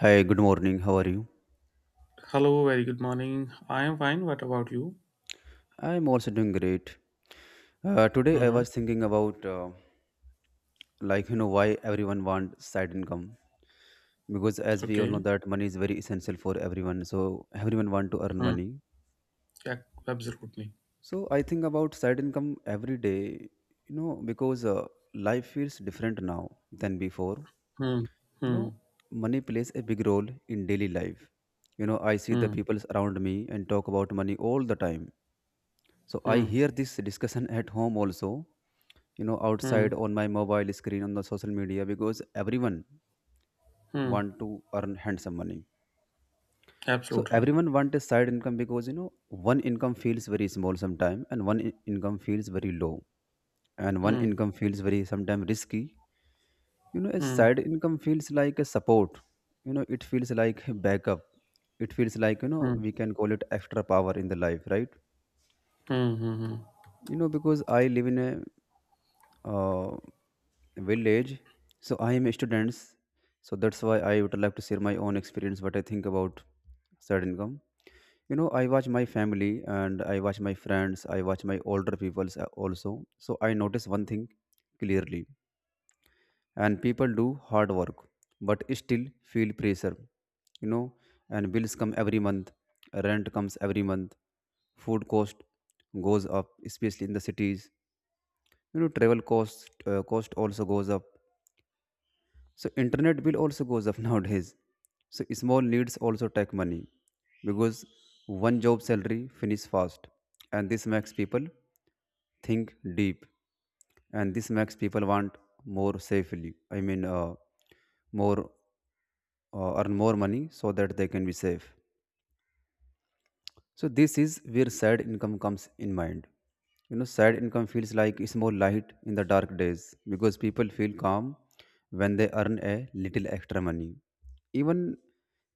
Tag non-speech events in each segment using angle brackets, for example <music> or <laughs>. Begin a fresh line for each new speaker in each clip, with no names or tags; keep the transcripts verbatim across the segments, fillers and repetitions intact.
Hi, good morning. How are you?
Hello, very good morning. I am fine. What about you?
I'm also doing great. Uh, today I
hmm
was thinking about uh, like you know why everyone wants side income, because as we all know
Okay.
that money is very essential for everyone. So everyone want to earn
Hmm.
money.
Yeah, absolutely.
So I think about side income every day. You know because uh, life feels different now than before.
Hmm.
You
Hmm.
know Money plays a big role in daily life. You know I see the
Hmm.
people around me and talk about money all the time. So I
Hmm.
hear this discussion at home also, you know
Hmm.
outside on my mobile screen, on the social media, because everyone
Hmm.
want to earn handsome money. So
Absolutely.
everyone want a side income because, you know, one income feels very small sometime, and one in- income feels very low, and one
Hmm.
income feels very sometimes risky. You know a
Hmm.
side income feels like a support. You know it feels like a backup. It feels like, you know,
Hmm.
we can call it extra power in the life, right?
Hmm. Hmm. hmm.
You know because I live in a uh, village. So I am a student, so that's why I would like to share my own experience what I think about side income. You know I watch my family and I watch my friends, I watch my older people also, so I notice one thing clearly. And people do hard work but still feel pressure, you know. And bills come every month, rent comes every month, food cost goes up, especially in the cities. You know travel cost, uh, cost also goes up. So internet bill also goes up <laughs> nowadays. So small needs also take money because one job salary finish fast, and this makes people think deep, and this makes people want more safely. I mean uh, more, uh, earn more money so that they can be safe. So this is where sad income comes in mind. You know, sad income feels like a small light in the dark days because people feel calm when they earn a little extra money. Even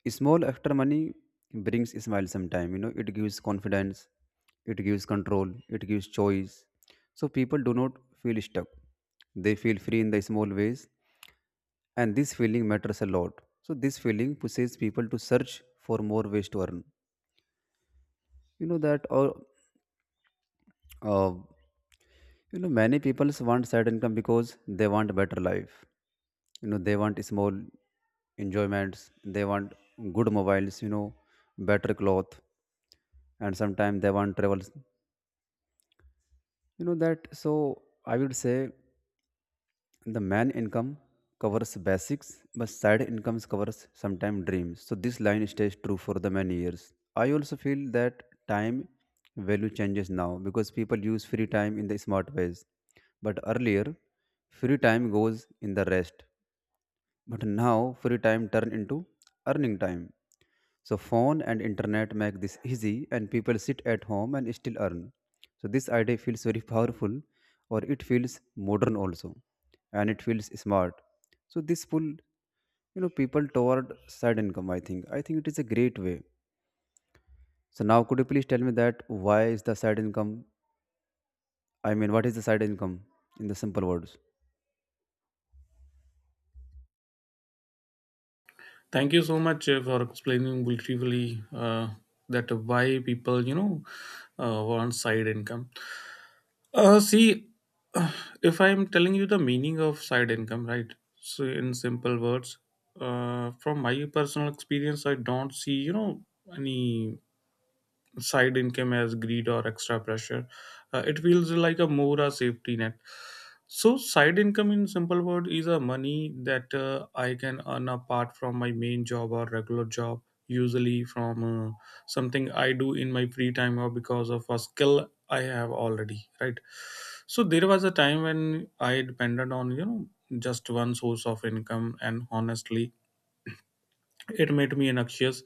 small extra money brings a smile sometime. You know, it gives confidence, it gives control, it gives choice. So people do not feel stuck. They feel free in the small ways, and this feeling matters a lot. So this feeling pushes people to search for more ways to earn. You know that or uh, You know, Many people want side income because they want better life. You know, they want small enjoyments, they want good mobiles, you know, better cloth, and sometimes they want travels. You know that. So I would say the main income covers basics, but side incomes covers sometimes dreams. So this line stays true for the many years. I also feel that time value changes now because people use free time in the smart ways. But earlier, free time goes in the rest. But now free time turned into earning time. So phone and internet make this easy and people sit at home and still earn. So this idea feels very powerful, or it feels modern also, and it feels smart. So this pull, you know people toward side income, I think. I think it is a great way. So now could you please tell me that why is the side income, I mean what is the side income in the simple words?
Thank you so much uh, for explaining briefly uh, that why people, you know, uh, want side income. Uh, see, if I'm telling you the meaning of side income, right? So, in simple words, uh, from my personal experience, I don't see, you know, any side income as greed or extra pressure. Uh, it feels like a more a safety net. So side income in simple word is a money that uh, I can earn apart from my main job or regular job, usually from uh, something I do in my free time or because of a skill I have already, right? So there was a time when I depended on you know just one source of income, and honestly, it made me anxious.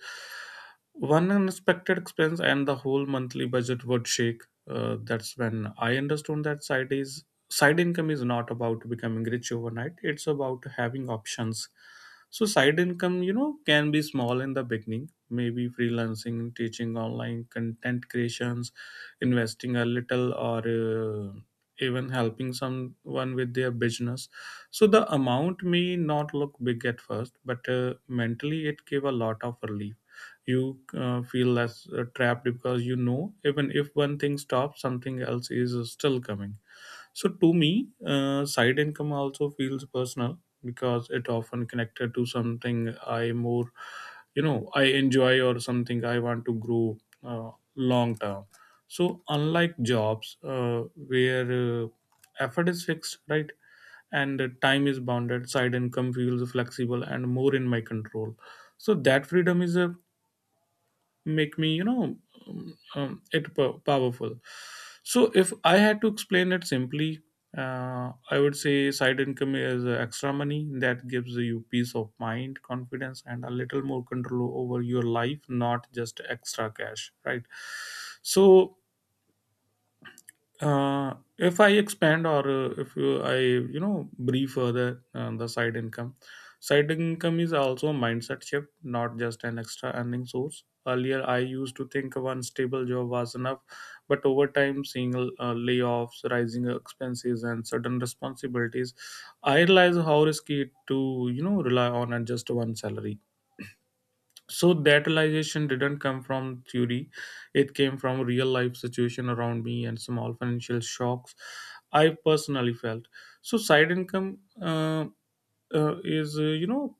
One unexpected expense and the whole monthly budget would shake. Uh, that's when I understood that side is side income is not about becoming rich overnight. It's about having options. So side income, you know, can be small in the beginning. Maybe freelancing, teaching online content creations, investing a little, or uh, even helping someone with their business, so the amount may not look big at first, but uh, mentally it gave a lot of relief. You uh, feel less uh, trapped because you know even if one thing stops, something else is uh, still coming. So to me, uh, side income also feels personal because it often connected to something I more, you know, I enjoy or something I want to grow uh, long term. So unlike jobs uh, where uh, effort is fixed, right, and uh, time is bounded, side income feels flexible and more in my control. So that freedom is a make me you know um, um, it po- powerful. So if I had to explain it simply, uh, I would say side income is uh, extra money that gives you peace of mind, confidence, and a little more control over your life, not just extra cash, right? So uh, if I expand or uh, if you, I you know brief further on the side income, side income is also a mindset shift, not just an extra earning source. Earlier, I used to think one stable job was enough, but over time, seeing uh, layoffs, rising expenses, and sudden responsibilities, I realized how risky it to you know rely on just one salary. So that realization didn't come from theory, it came from real life situation around me, and small financial shocks I personally felt. So side income uh, uh, is uh, you know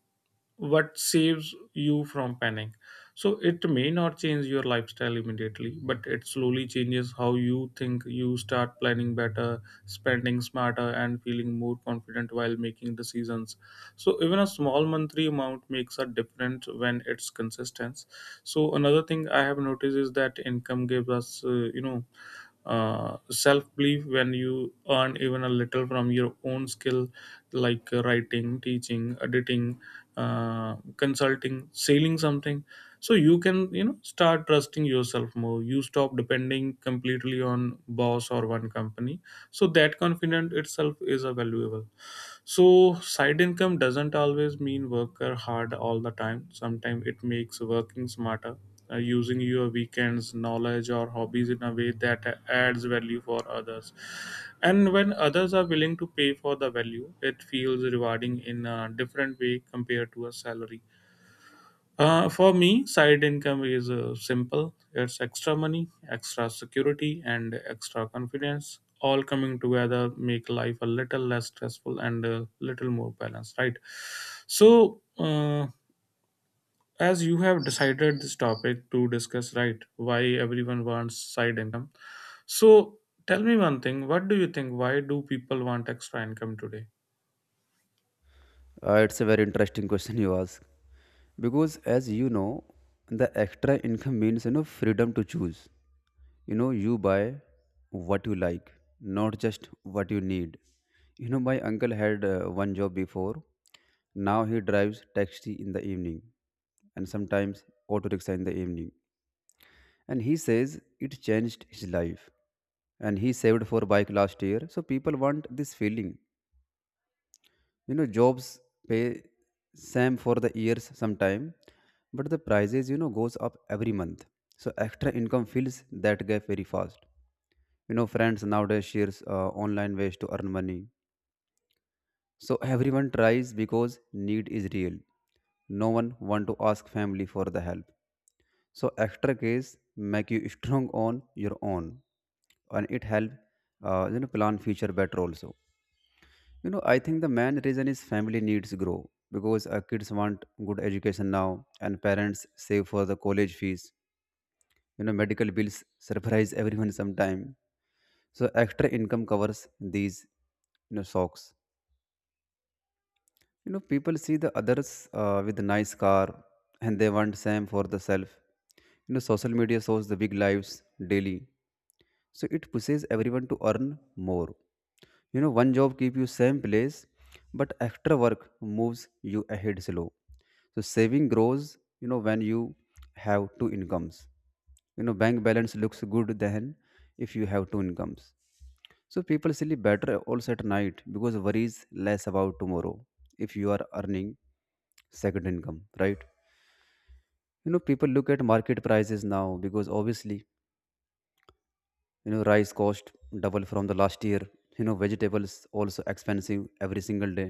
what saves you from panic. So it may not change your lifestyle immediately, but it slowly changes how you think. You start planning better, spending smarter, and feeling more confident while making decisions. So even a small monthly amount makes a difference when it's consistent. So another thing I have noticed is that income gives us uh, you know uh, self belief. When you earn even a little from your own skill, like uh, writing, teaching, editing, uh, consulting, selling something, so you can you know start trusting yourself more. You stop depending completely on boss or one company. So that confidence itself is a valuable. So side income doesn't always mean worker hard all the time. Sometimes it makes working smarter, uh, using your weekends, knowledge, or hobbies in a way that adds value for others. And when others are willing to pay for the value, it feels rewarding in a different way compared to a salary. Uh, for me, side income is uh, simple. It's extra money, extra security, and extra confidence. All coming together make life a little less stressful and a little more balanced, right? So, uh, as you have decided this topic to discuss, right? Why everyone wants side income. So, tell me one thing. What do you think? Why do people want extra income today?
Uh, it's a very interesting question you ask, because as you know, the extra income means, you know freedom to choose. You know you buy what you like, not just what you need. You know, my uncle had uh, one job before. Now he drives taxi in the evening, and sometimes auto rickshaw in the evening, and he says it changed his life, and he saved for bike last year. So people want this feeling. You know, jobs pay same for the years sometime, but the prices, you know, goes up every month. So extra income fills that gap very fast. You know friends nowadays shares uh, online ways to earn money, so everyone tries because need is real. No one want to ask family for the help. So extra case make you <laughs> strong on your own, and it help uh, you know plan future better also. You know, I think the main reason is family needs grow because uh, kids want good education now, and parents save for the college fees. You know, medical bills surprise everyone sometime. So extra income covers these, you know, shocks. You know, people see the others uh, with a nice car, and they want same for the self. You know, social media shows the big lives daily, so it pushes everyone to earn more. You know one job keep you same place, but extra work moves you ahead slow. So saving grows, you know, when you have two incomes. You know bank balance looks good then if you have two incomes. So people sleep better also at night because worries less about tomorrow if you are earning second income, right? You know, people look at market prices now because, obviously, you know rice cost double from the last year. You know vegetables also expensive every single day.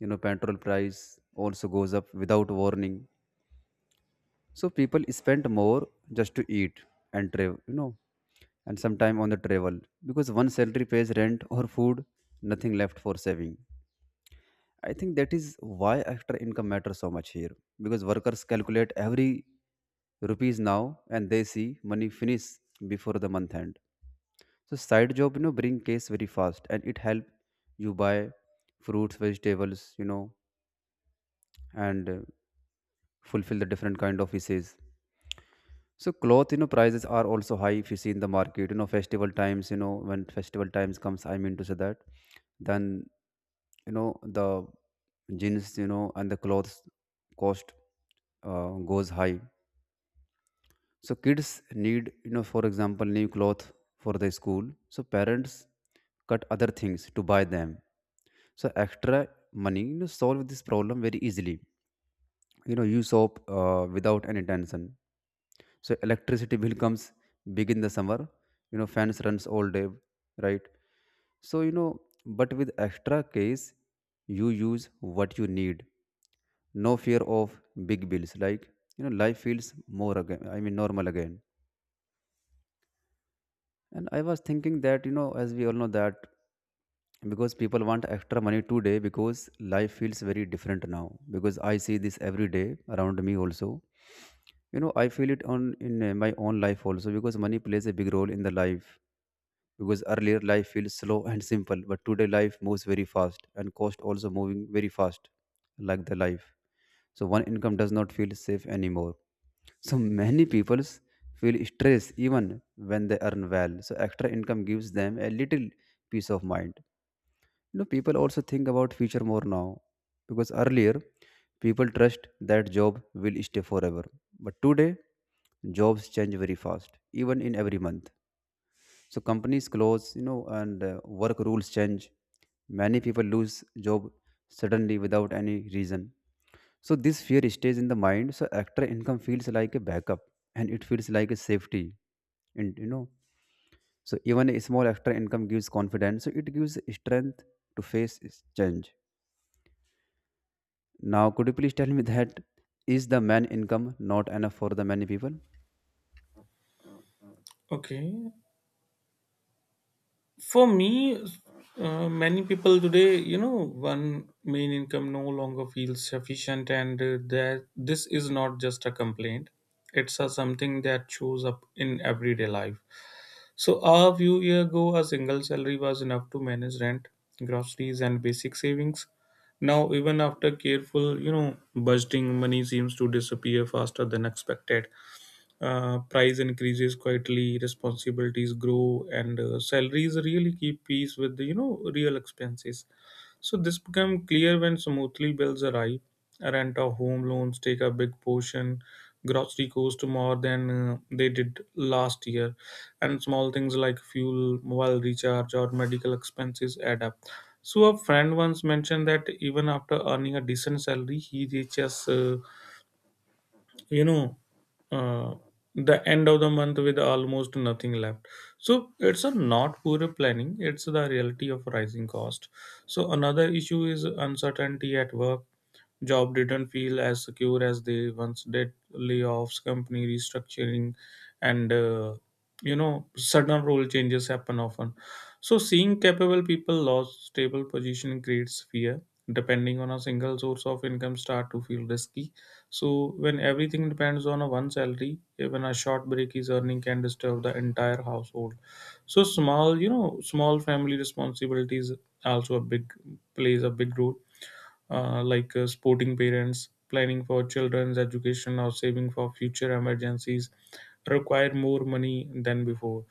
You know petrol price also goes up without warning. So people spend more just to eat and travel, you know, and sometime on the travel, because one salary pays rent or food, nothing left for saving. I think that is why extra income matters so much here, because workers calculate every rupees now, and they see money finish before the month end. So side job, you know, bring case very fast, and it help you buy fruits, vegetables, you know, and uh, fulfill the different kind of wishes. So cloth, you know, prices are also high if you see in the market. You know, festival times, you know, when festival times comes, I mean to say that, then you know the jeans, you know, and the clothes cost uh, goes high. So kids need, you know, for example, new cloth for the school. So parents cut other things to buy them. So extra money, you know, solve this problem very easily. You know, use soap uh, without any tension. So electricity bill comes big in the summer. You know, fans runs all day, right? So, you know, but with extra case, you use what you need. No fear of big bills. Like, you know, life feels more again. I mean, normal again. And I was thinking that, you know, as we all know that, because people want extra money today because life feels very different now, because I see this every day around me also. You know I feel it on in uh, my own life also, because money plays a big role in the life, because earlier life feels slow and simple, but today life moves very fast and cost also moving very fast, like the life. So one income does not feel safe anymore. So many people feel stress even when they earn well. So extra income gives them a little peace of mind. You know, people also think about future more now, because earlier people trust that job will stay forever. But today, jobs change very fast, even in every month. So companies close, you know, and uh, work rules change. Many people lose job suddenly without any reason. So this fear stays in the mind. So extra income feels like a backup, and it feels like a safety, and you know so even a small extra income gives confidence. So it gives strength to face is change. Now, could you please tell me that is the man income not enough for the many people?
Okay. For me, uh, many people today, you know, one main income no longer feels sufficient, and uh, that this is not just a complaint. It's a something that shows up in everyday life. So a few years ago, a single salary was enough to manage rent, groceries, and basic savings. Now, even after careful, you know, budgeting, money seems to disappear faster than expected. Uh, price increases quietly, responsibilities grow, and uh, salaries really keep pace with the, you know, real expenses. So this become clear when smoothly bills arrive. Rent or home loans take a big portion. Grocery cost more than uh, they did last year, and small things like fuel, mobile recharge, or medical expenses add up. So a friend once mentioned that even after earning a decent salary, he reaches uh, you know uh, the end of the month with almost nothing left. So it's a not poor planning, it's the reality of rising cost. So another issue is uncertainty at work. Jobs didn't feel as secure as they once did. Layoffs, company restructuring, and uh, you know sudden role changes happen often. So seeing capable people lose stable position creates fear. Depending on a single source of income start to feel risky. So when everything depends on a one salary, even a short break is earning can disturb the entire household. So small, you know, small family responsibilities also a big plays a big role uh, like uh, supporting parents, planning for children's education, or saving for future emergencies, require more money than before.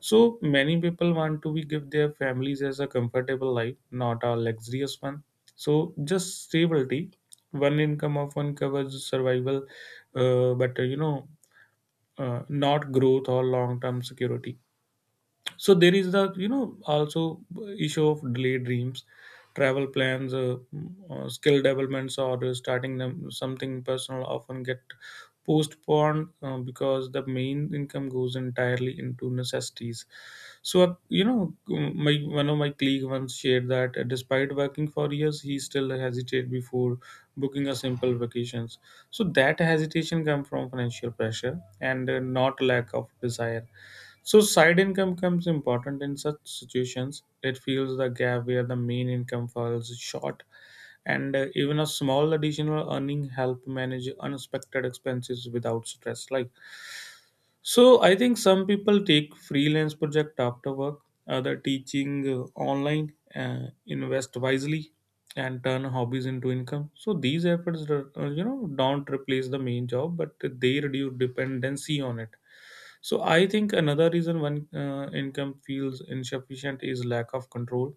So many people want to be give their families as a comfortable life, not a luxurious one. So just stability, one income often covers survival, uh, but uh, you know, uh, not growth or long term security. So there is the you know also issue of delayed dreams, travel plans, uh, uh, skill developments, or uh, starting them something personal often get postponed uh, because the main income goes entirely into necessities. So uh, you know um, my one of my colleague once shared that uh, despite working for years, he still hesitated before booking a simple vacations. So that hesitation come from financial pressure, and uh, not lack of desire. So side income comes important in such situations. It fills the gap where the main income falls short, and uh, even a small additional earning help manage unexpected expenses without stress. Like, so, I think some people take freelance project after work, other teaching uh, online, uh, invest wisely, and turn hobbies into income. So these efforts, uh, you know, don't replace the main job, but they reduce dependency on it. So I think another reason one uh, income feels insufficient is lack of control,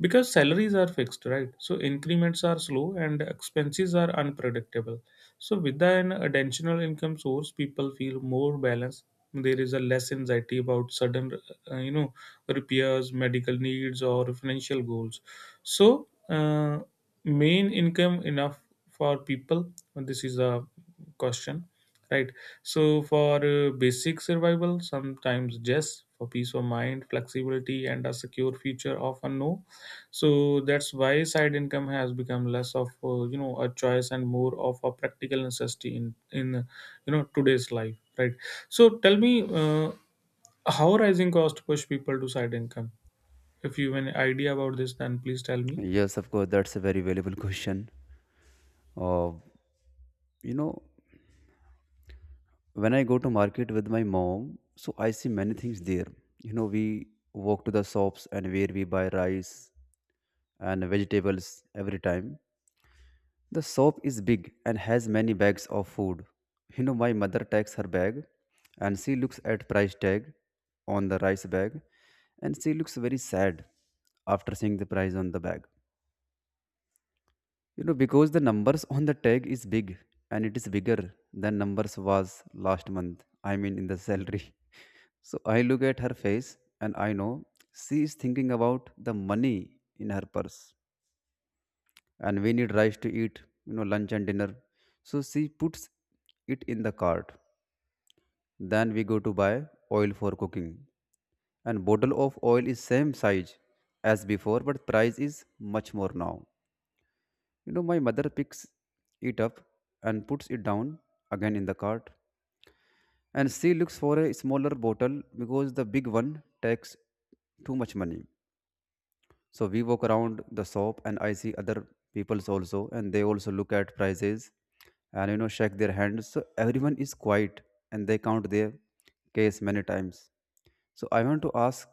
because salaries are fixed, right? So increments are slow and expenses are unpredictable. So with an additional income source, people feel more balanced. There is a less anxiety about sudden uh, you know repairs, medical needs, or financial goals. So uh, main income enough for people, this is a question, right? So for uh, basic survival, sometimes yes, for peace of mind, flexibility, and a secure future, often no. So that's why side income has become less of uh, you know a choice and more of a practical necessity in in uh, you know today's life, right? So tell me uh, how rising cost push people to side income. If you have an idea about this, then please tell me.
Yes, of course. That's a very valuable question. Uh, you know, when I go to market with my mom, so I see many things there. You know, we walk to the shops and where we buy rice and vegetables every time. The shop is big and has many bags of food. You know, my mother takes her bag and she looks at price tag on the rice bag, and she looks very sad after seeing the price on the bag, You know, because the numbers on the tag is big and it is bigger than numbers was last month. I mean, in the salary. <laughs> So I look at her face and I know she is thinking about the money in her purse. And we need rice to eat, you know lunch and dinner, so she puts it in the cart. Then we go to buy oil for cooking, and bottle of oil is same size as before, but price is much more now. You know my mother picks it up and puts it down again in the cart, and she looks for a smaller bottle because the big one takes too much money. So we walk around the shop and I see other peoples also, and they also look at prices and you know shake their hands. So everyone is quiet and they count their case many times. So I want to ask,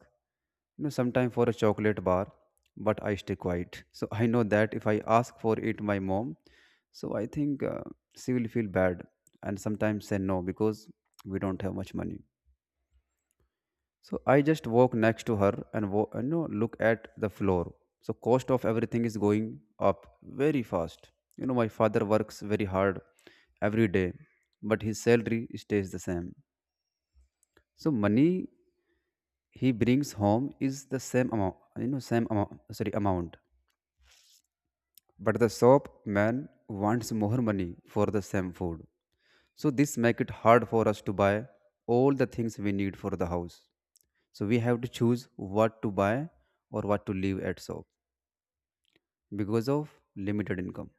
you know sometime, for a chocolate bar, but I stay quiet. So I know that if I ask for it my mom, so I think uh, she will feel bad and sometimes say no because we don't have much money. So I just walk next to her and wo- you know look at the floor. So cost of everything is going up very fast. You know my father works very hard every day, but his salary stays the same. So money he brings home is the same amount. You know same amount. Sorry, amount. But the shop man wants more money for the same food. So this make it hard for us to buy all the things we need for the house. So we have to choose what to buy or what to leave at shop because of limited income.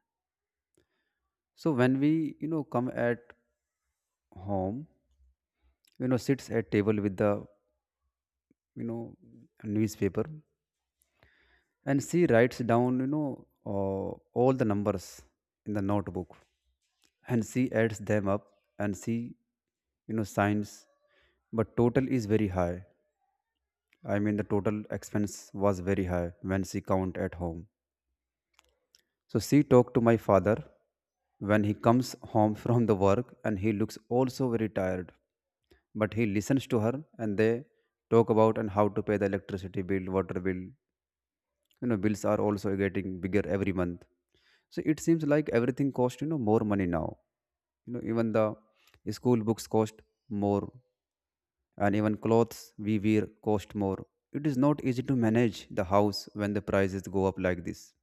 So when we you know come at home, you know sits at table with the, you know newspaper, and she writes down you know uh, all the numbers in the notebook, and she adds them up, and she, you know signs, but total is very high. I mean, the total expense was very high when she count at home. So she talked to my father when he comes home <laughs> from the work, and he looks also very tired. But he listens to her and they talk about and how to pay the electricity bill, water bill. You know, bills are also getting bigger every month. So it seems like everything costs, you know, more money now. You know, even the school books cost more, and even clothes we wear cost more. It is not easy to manage the house when the prices go up like this.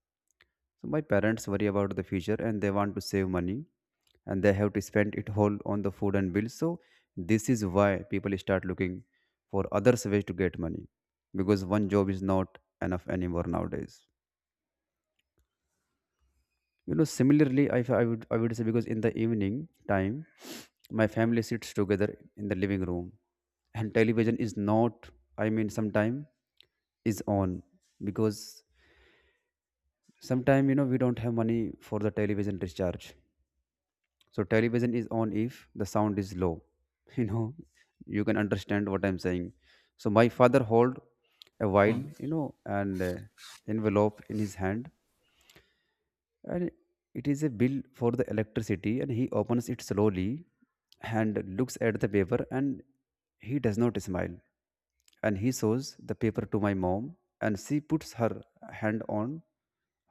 So my parents worry about the future and they want to save money, and they have to spend it whole on the food and bills. So this is why people start looking for other ways to get money because one job is not enough anymore nowadays. You know, similarly, I, I would I would say because in the evening time, my family sits together in the living room, and television is not. I mean, sometime is on because sometime you know we don't have money for the television discharge. So television is on if the sound is low. <laughs> You know, you can understand what I'm saying. So my father hold a
Hmm.
while you know and uh, envelope in his hand, and it is a bill for the electricity, and he opens it slowly and looks at the paper, and he does not smile, and he shows the paper to my mom, and she puts her hand on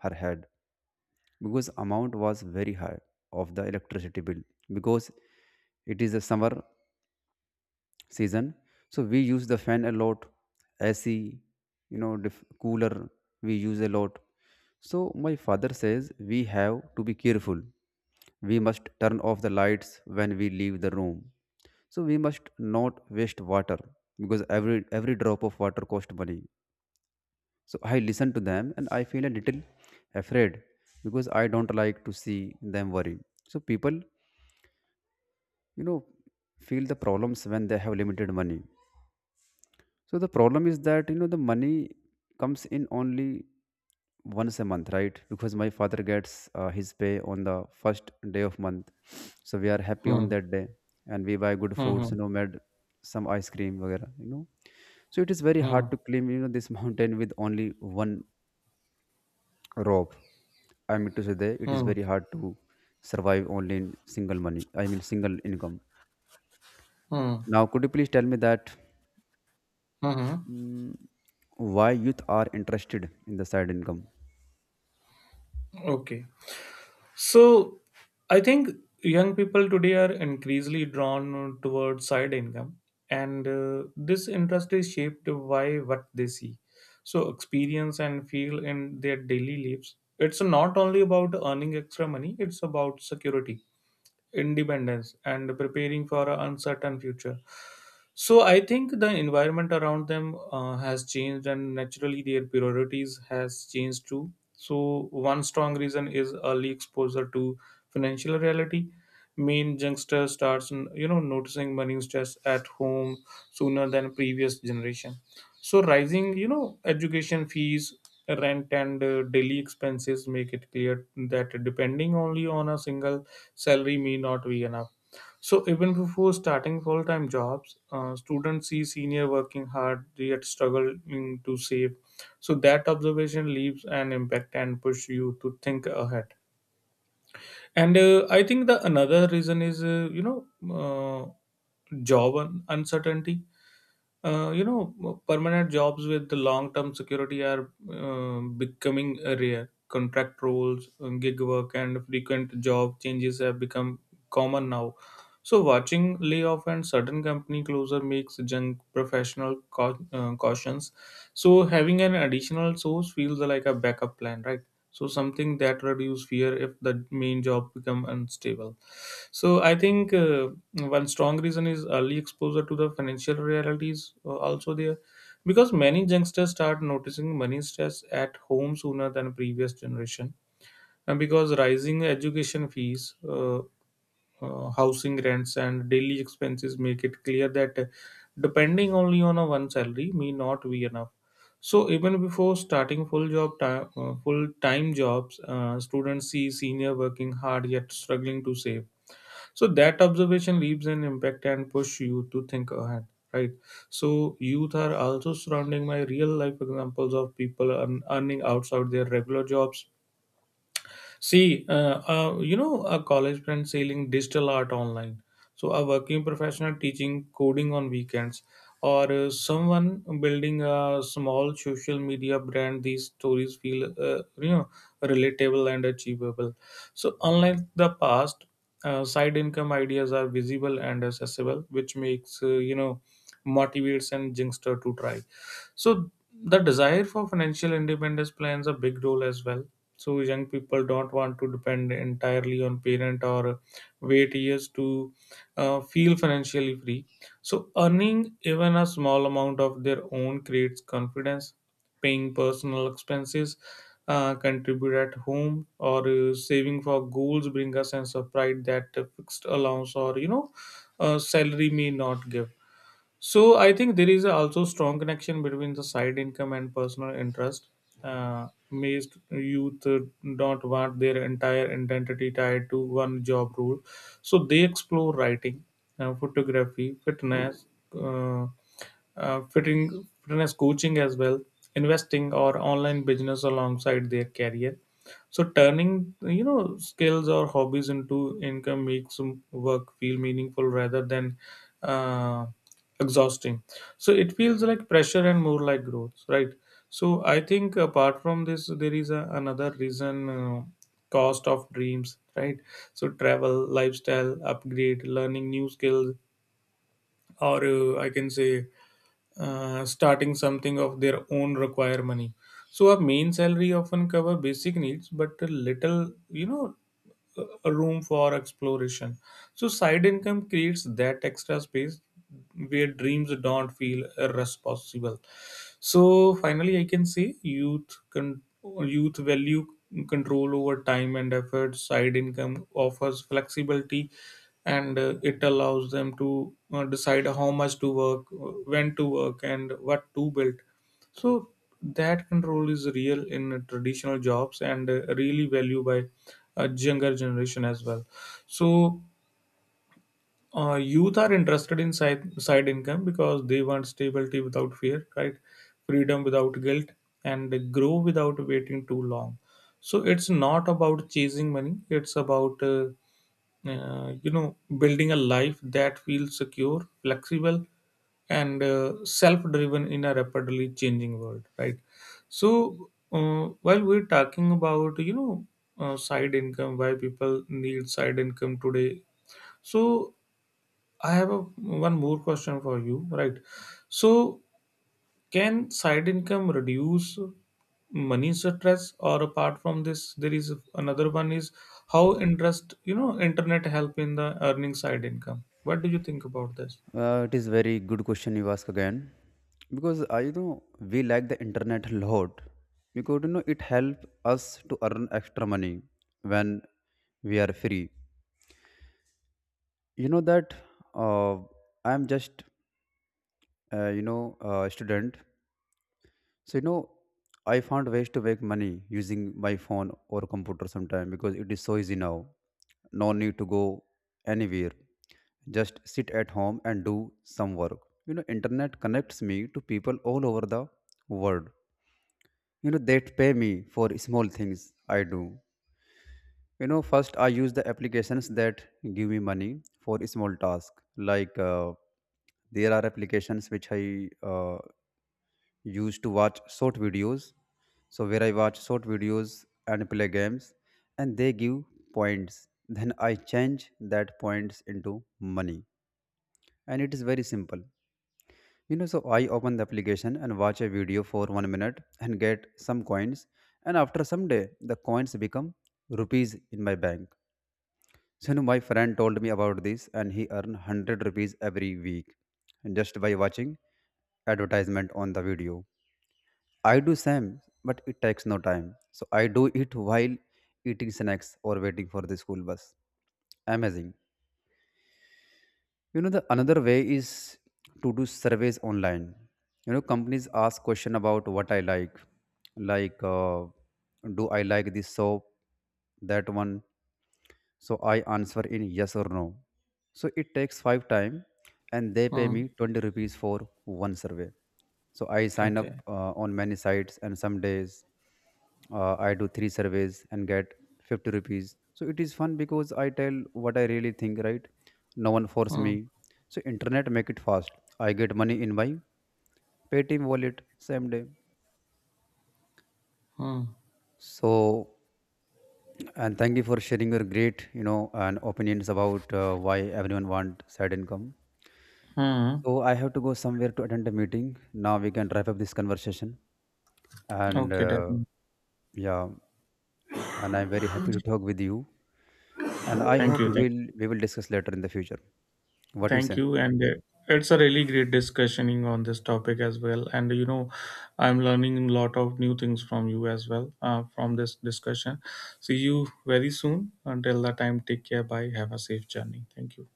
her head because amount was very high of the electricity bill because it is a summer season. So we use the fan a lot, ac, you know dif- cooler, we use a lot. So my father says we have to be careful. We must turn off the lights when we leave the room. So we must not waste water because every every drop of water cost money. So I listen to them and I feel a little afraid because I don't like to see them worry. So people, you know, feel the problems when they have limited money. So the problem is that, you know, the money comes in only once a month, right? Because my father gets uh, his pay on the first day of month. So we are happy on
Hmm.
that day and we buy good foods, you
Hmm.
know, made some ice cream, वगैरह, you know. So it is very
Hmm.
hard to climb, you know, this <laughs> mountain with only one Rob. I mean to say that it is
Hmm.
very hard to survive only in single money. I mean, single income.
Hmm.
Now, could you please tell me that,
Hmm. Hmm.
mm, why youth are interested in the side income?
Okay. So I think young people today are increasingly drawn towards side income, and uh, this interest is shaped by what they see, so experience and feel in their daily lives. It's not only about earning extra money; it's about security, independence, and preparing for an uncertain future. So I think the environment around them uh, has changed, and naturally their priorities has changed too. So one strong reason is early exposure to financial reality. Main youngster starts, you know, noticing money stress at home sooner than previous generation. So rising, you know, education fees, rent, and uh, daily expenses make it clear that depending only on a single salary may not be enough. So even before starting full-time jobs, uh, students see senior working hard yet struggling to save. So that observation leaves an impact and push you to think ahead. And uh, I think the another reason is uh, you know uh, job un- uncertainty. Uh, you know, permanent jobs with the long-term security are uh, becoming rare. Contract roles, uh, gig work, and frequent job changes have become common now. So, watching layoff and sudden company closure makes young professional cau- uh, cautions. So, having an additional source feels like a backup plan, right? So, something that reduces fear if the main job become unstable. So I think uh, one strong reason is early exposure to the financial realities uh, also there, because many youngsters start noticing money stress at home sooner than previous generation, and because rising education fees, uh, uh, housing rents, and daily expenses make it clear that uh, depending only on a one salary may not be enough. So even before starting full job time, uh, full time jobs, uh, students see senior working hard yet struggling to save, so that observation leaves an impact and push you to think ahead, right? So youth are also surrounding my real life examples of people earn, earning outside their regular jobs. See, uh, uh, you know, a college friend selling digital art online. So a working professional teaching coding on weekends, or uh, someone building a small social media brand. These stories feel, uh, you know, relatable and achievable. So, unlike the past, uh, side income ideas are visible and accessible, which makes uh, you know motivates and youngster to try. So the desire for financial independence plans a big role as well. So young people don't want to depend entirely on parent or wait years to uh, feel financially free. So earning even a small amount of their own creates confidence, paying personal expenses, uh, contribute at home or uh, saving for goals bring a sense of pride that a fixed allowance or you know uh, salary may not give. So I think there is also strong connection between the side income and personal interest. Uh, most youth uh, don't want their entire identity tied to one job role, so they explore writing, uh, photography, fitness. Uh, uh, fitting, Fitness coaching as well, investing or online business alongside their career. So turning you know skills or hobbies into income makes work feel meaningful rather than uh, exhausting. So it feels like pressure and more like growth, right? So I think apart from this, there is a, another reason. Uh, cost of dreams, right? So travel, lifestyle upgrade, learning new skills, or uh, I can say uh, starting something of their own require money. So a main salary often cover basic needs but a little, you know a a room for exploration. So side income creates that extra space where dreams don't feel irresponsible. So finally, I can say youth con- youth value control over time and effort. Side income offers flexibility, and uh, it allows them to uh, decide how much to work, uh, when to work, and what to build. So that control is real in traditional jobs and uh, really valued by a younger generation as well. So uh, youth are interested in side, side income because they want stability without fear, right? Freedom without guilt, and grow without waiting too long. So it's not about chasing money; it's about uh, uh, you know building a life that feels secure, flexible, and uh, self-driven in a rapidly changing world, right? So uh, while we're talking about you know uh, side income, why people need side income today, so I have a, one more question for you, right? So can side income reduce money stress, or apart from this, there is another one is how interest, you know, internet help in the earning side income? What do you think about this?
Uh, it is very good question you ask again, because I you know we like the internet a lot because you know it help us to earn extra money when we are free. You know that, uh, I am just, uh, you know a student. So, you know, I found ways to make money using my phone or computer sometime because it is so easy now. No need to go anywhere. Just sit at home and do some work. You know, internet connects me to people all over the world. You know, they pay me for small things I do. You know, first I use the applications that give me money for small tasks. Like, uh, there are applications which I, uh, used to watch short videos. So where I watch short videos and play games and they give points. Then I change that points into money. And it is very simple. You know, so I open the application and watch a video for one minute and get some coins. And after some day, the coins become rupees in my bank. So you know, my friend told me about this and he earned one hundred rupees every week just by watching advertisement on the video. I do same, but it takes no time. So I do it while eating snacks or waiting for the school bus. Amazing. You know, the another way is to do surveys online. You know, companies ask question about what I like, like uh, do I like this soap, that one. So I answer in yes or no. So it takes five time and they pay
Hmm.
me twenty rupees for one survey. So I sign up
Okay.
uh, on many sites, and some days, uh, I do three surveys and get fifty rupees. So it is fun because I tell what I really think, right? No one force me.
Hmm.
So internet make it fast. I get money in my Paytm wallet same day.
Hmm.
So, and thank you for sharing your great, you know, and opinions about, uh, why everyone want side income.
Hmm.
So I have to go somewhere to attend a meeting. Now we can wrap up this conversation. And
Okay,
uh,
then.
yeah, and I'm very happy to talk with you. And I
Thank
hope
you.
we
Thank
will
you.
we will discuss later in the future. What do you
Thank
say?
you. And uh, it's a really great discussioning on this topic as well. And you know, I'm learning a lot of new things from you as well uh, from this discussion. See you very soon. Until that time, take care. Bye. Have a safe journey. Thank you.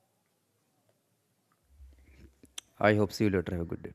I hope see you later. Have a good day.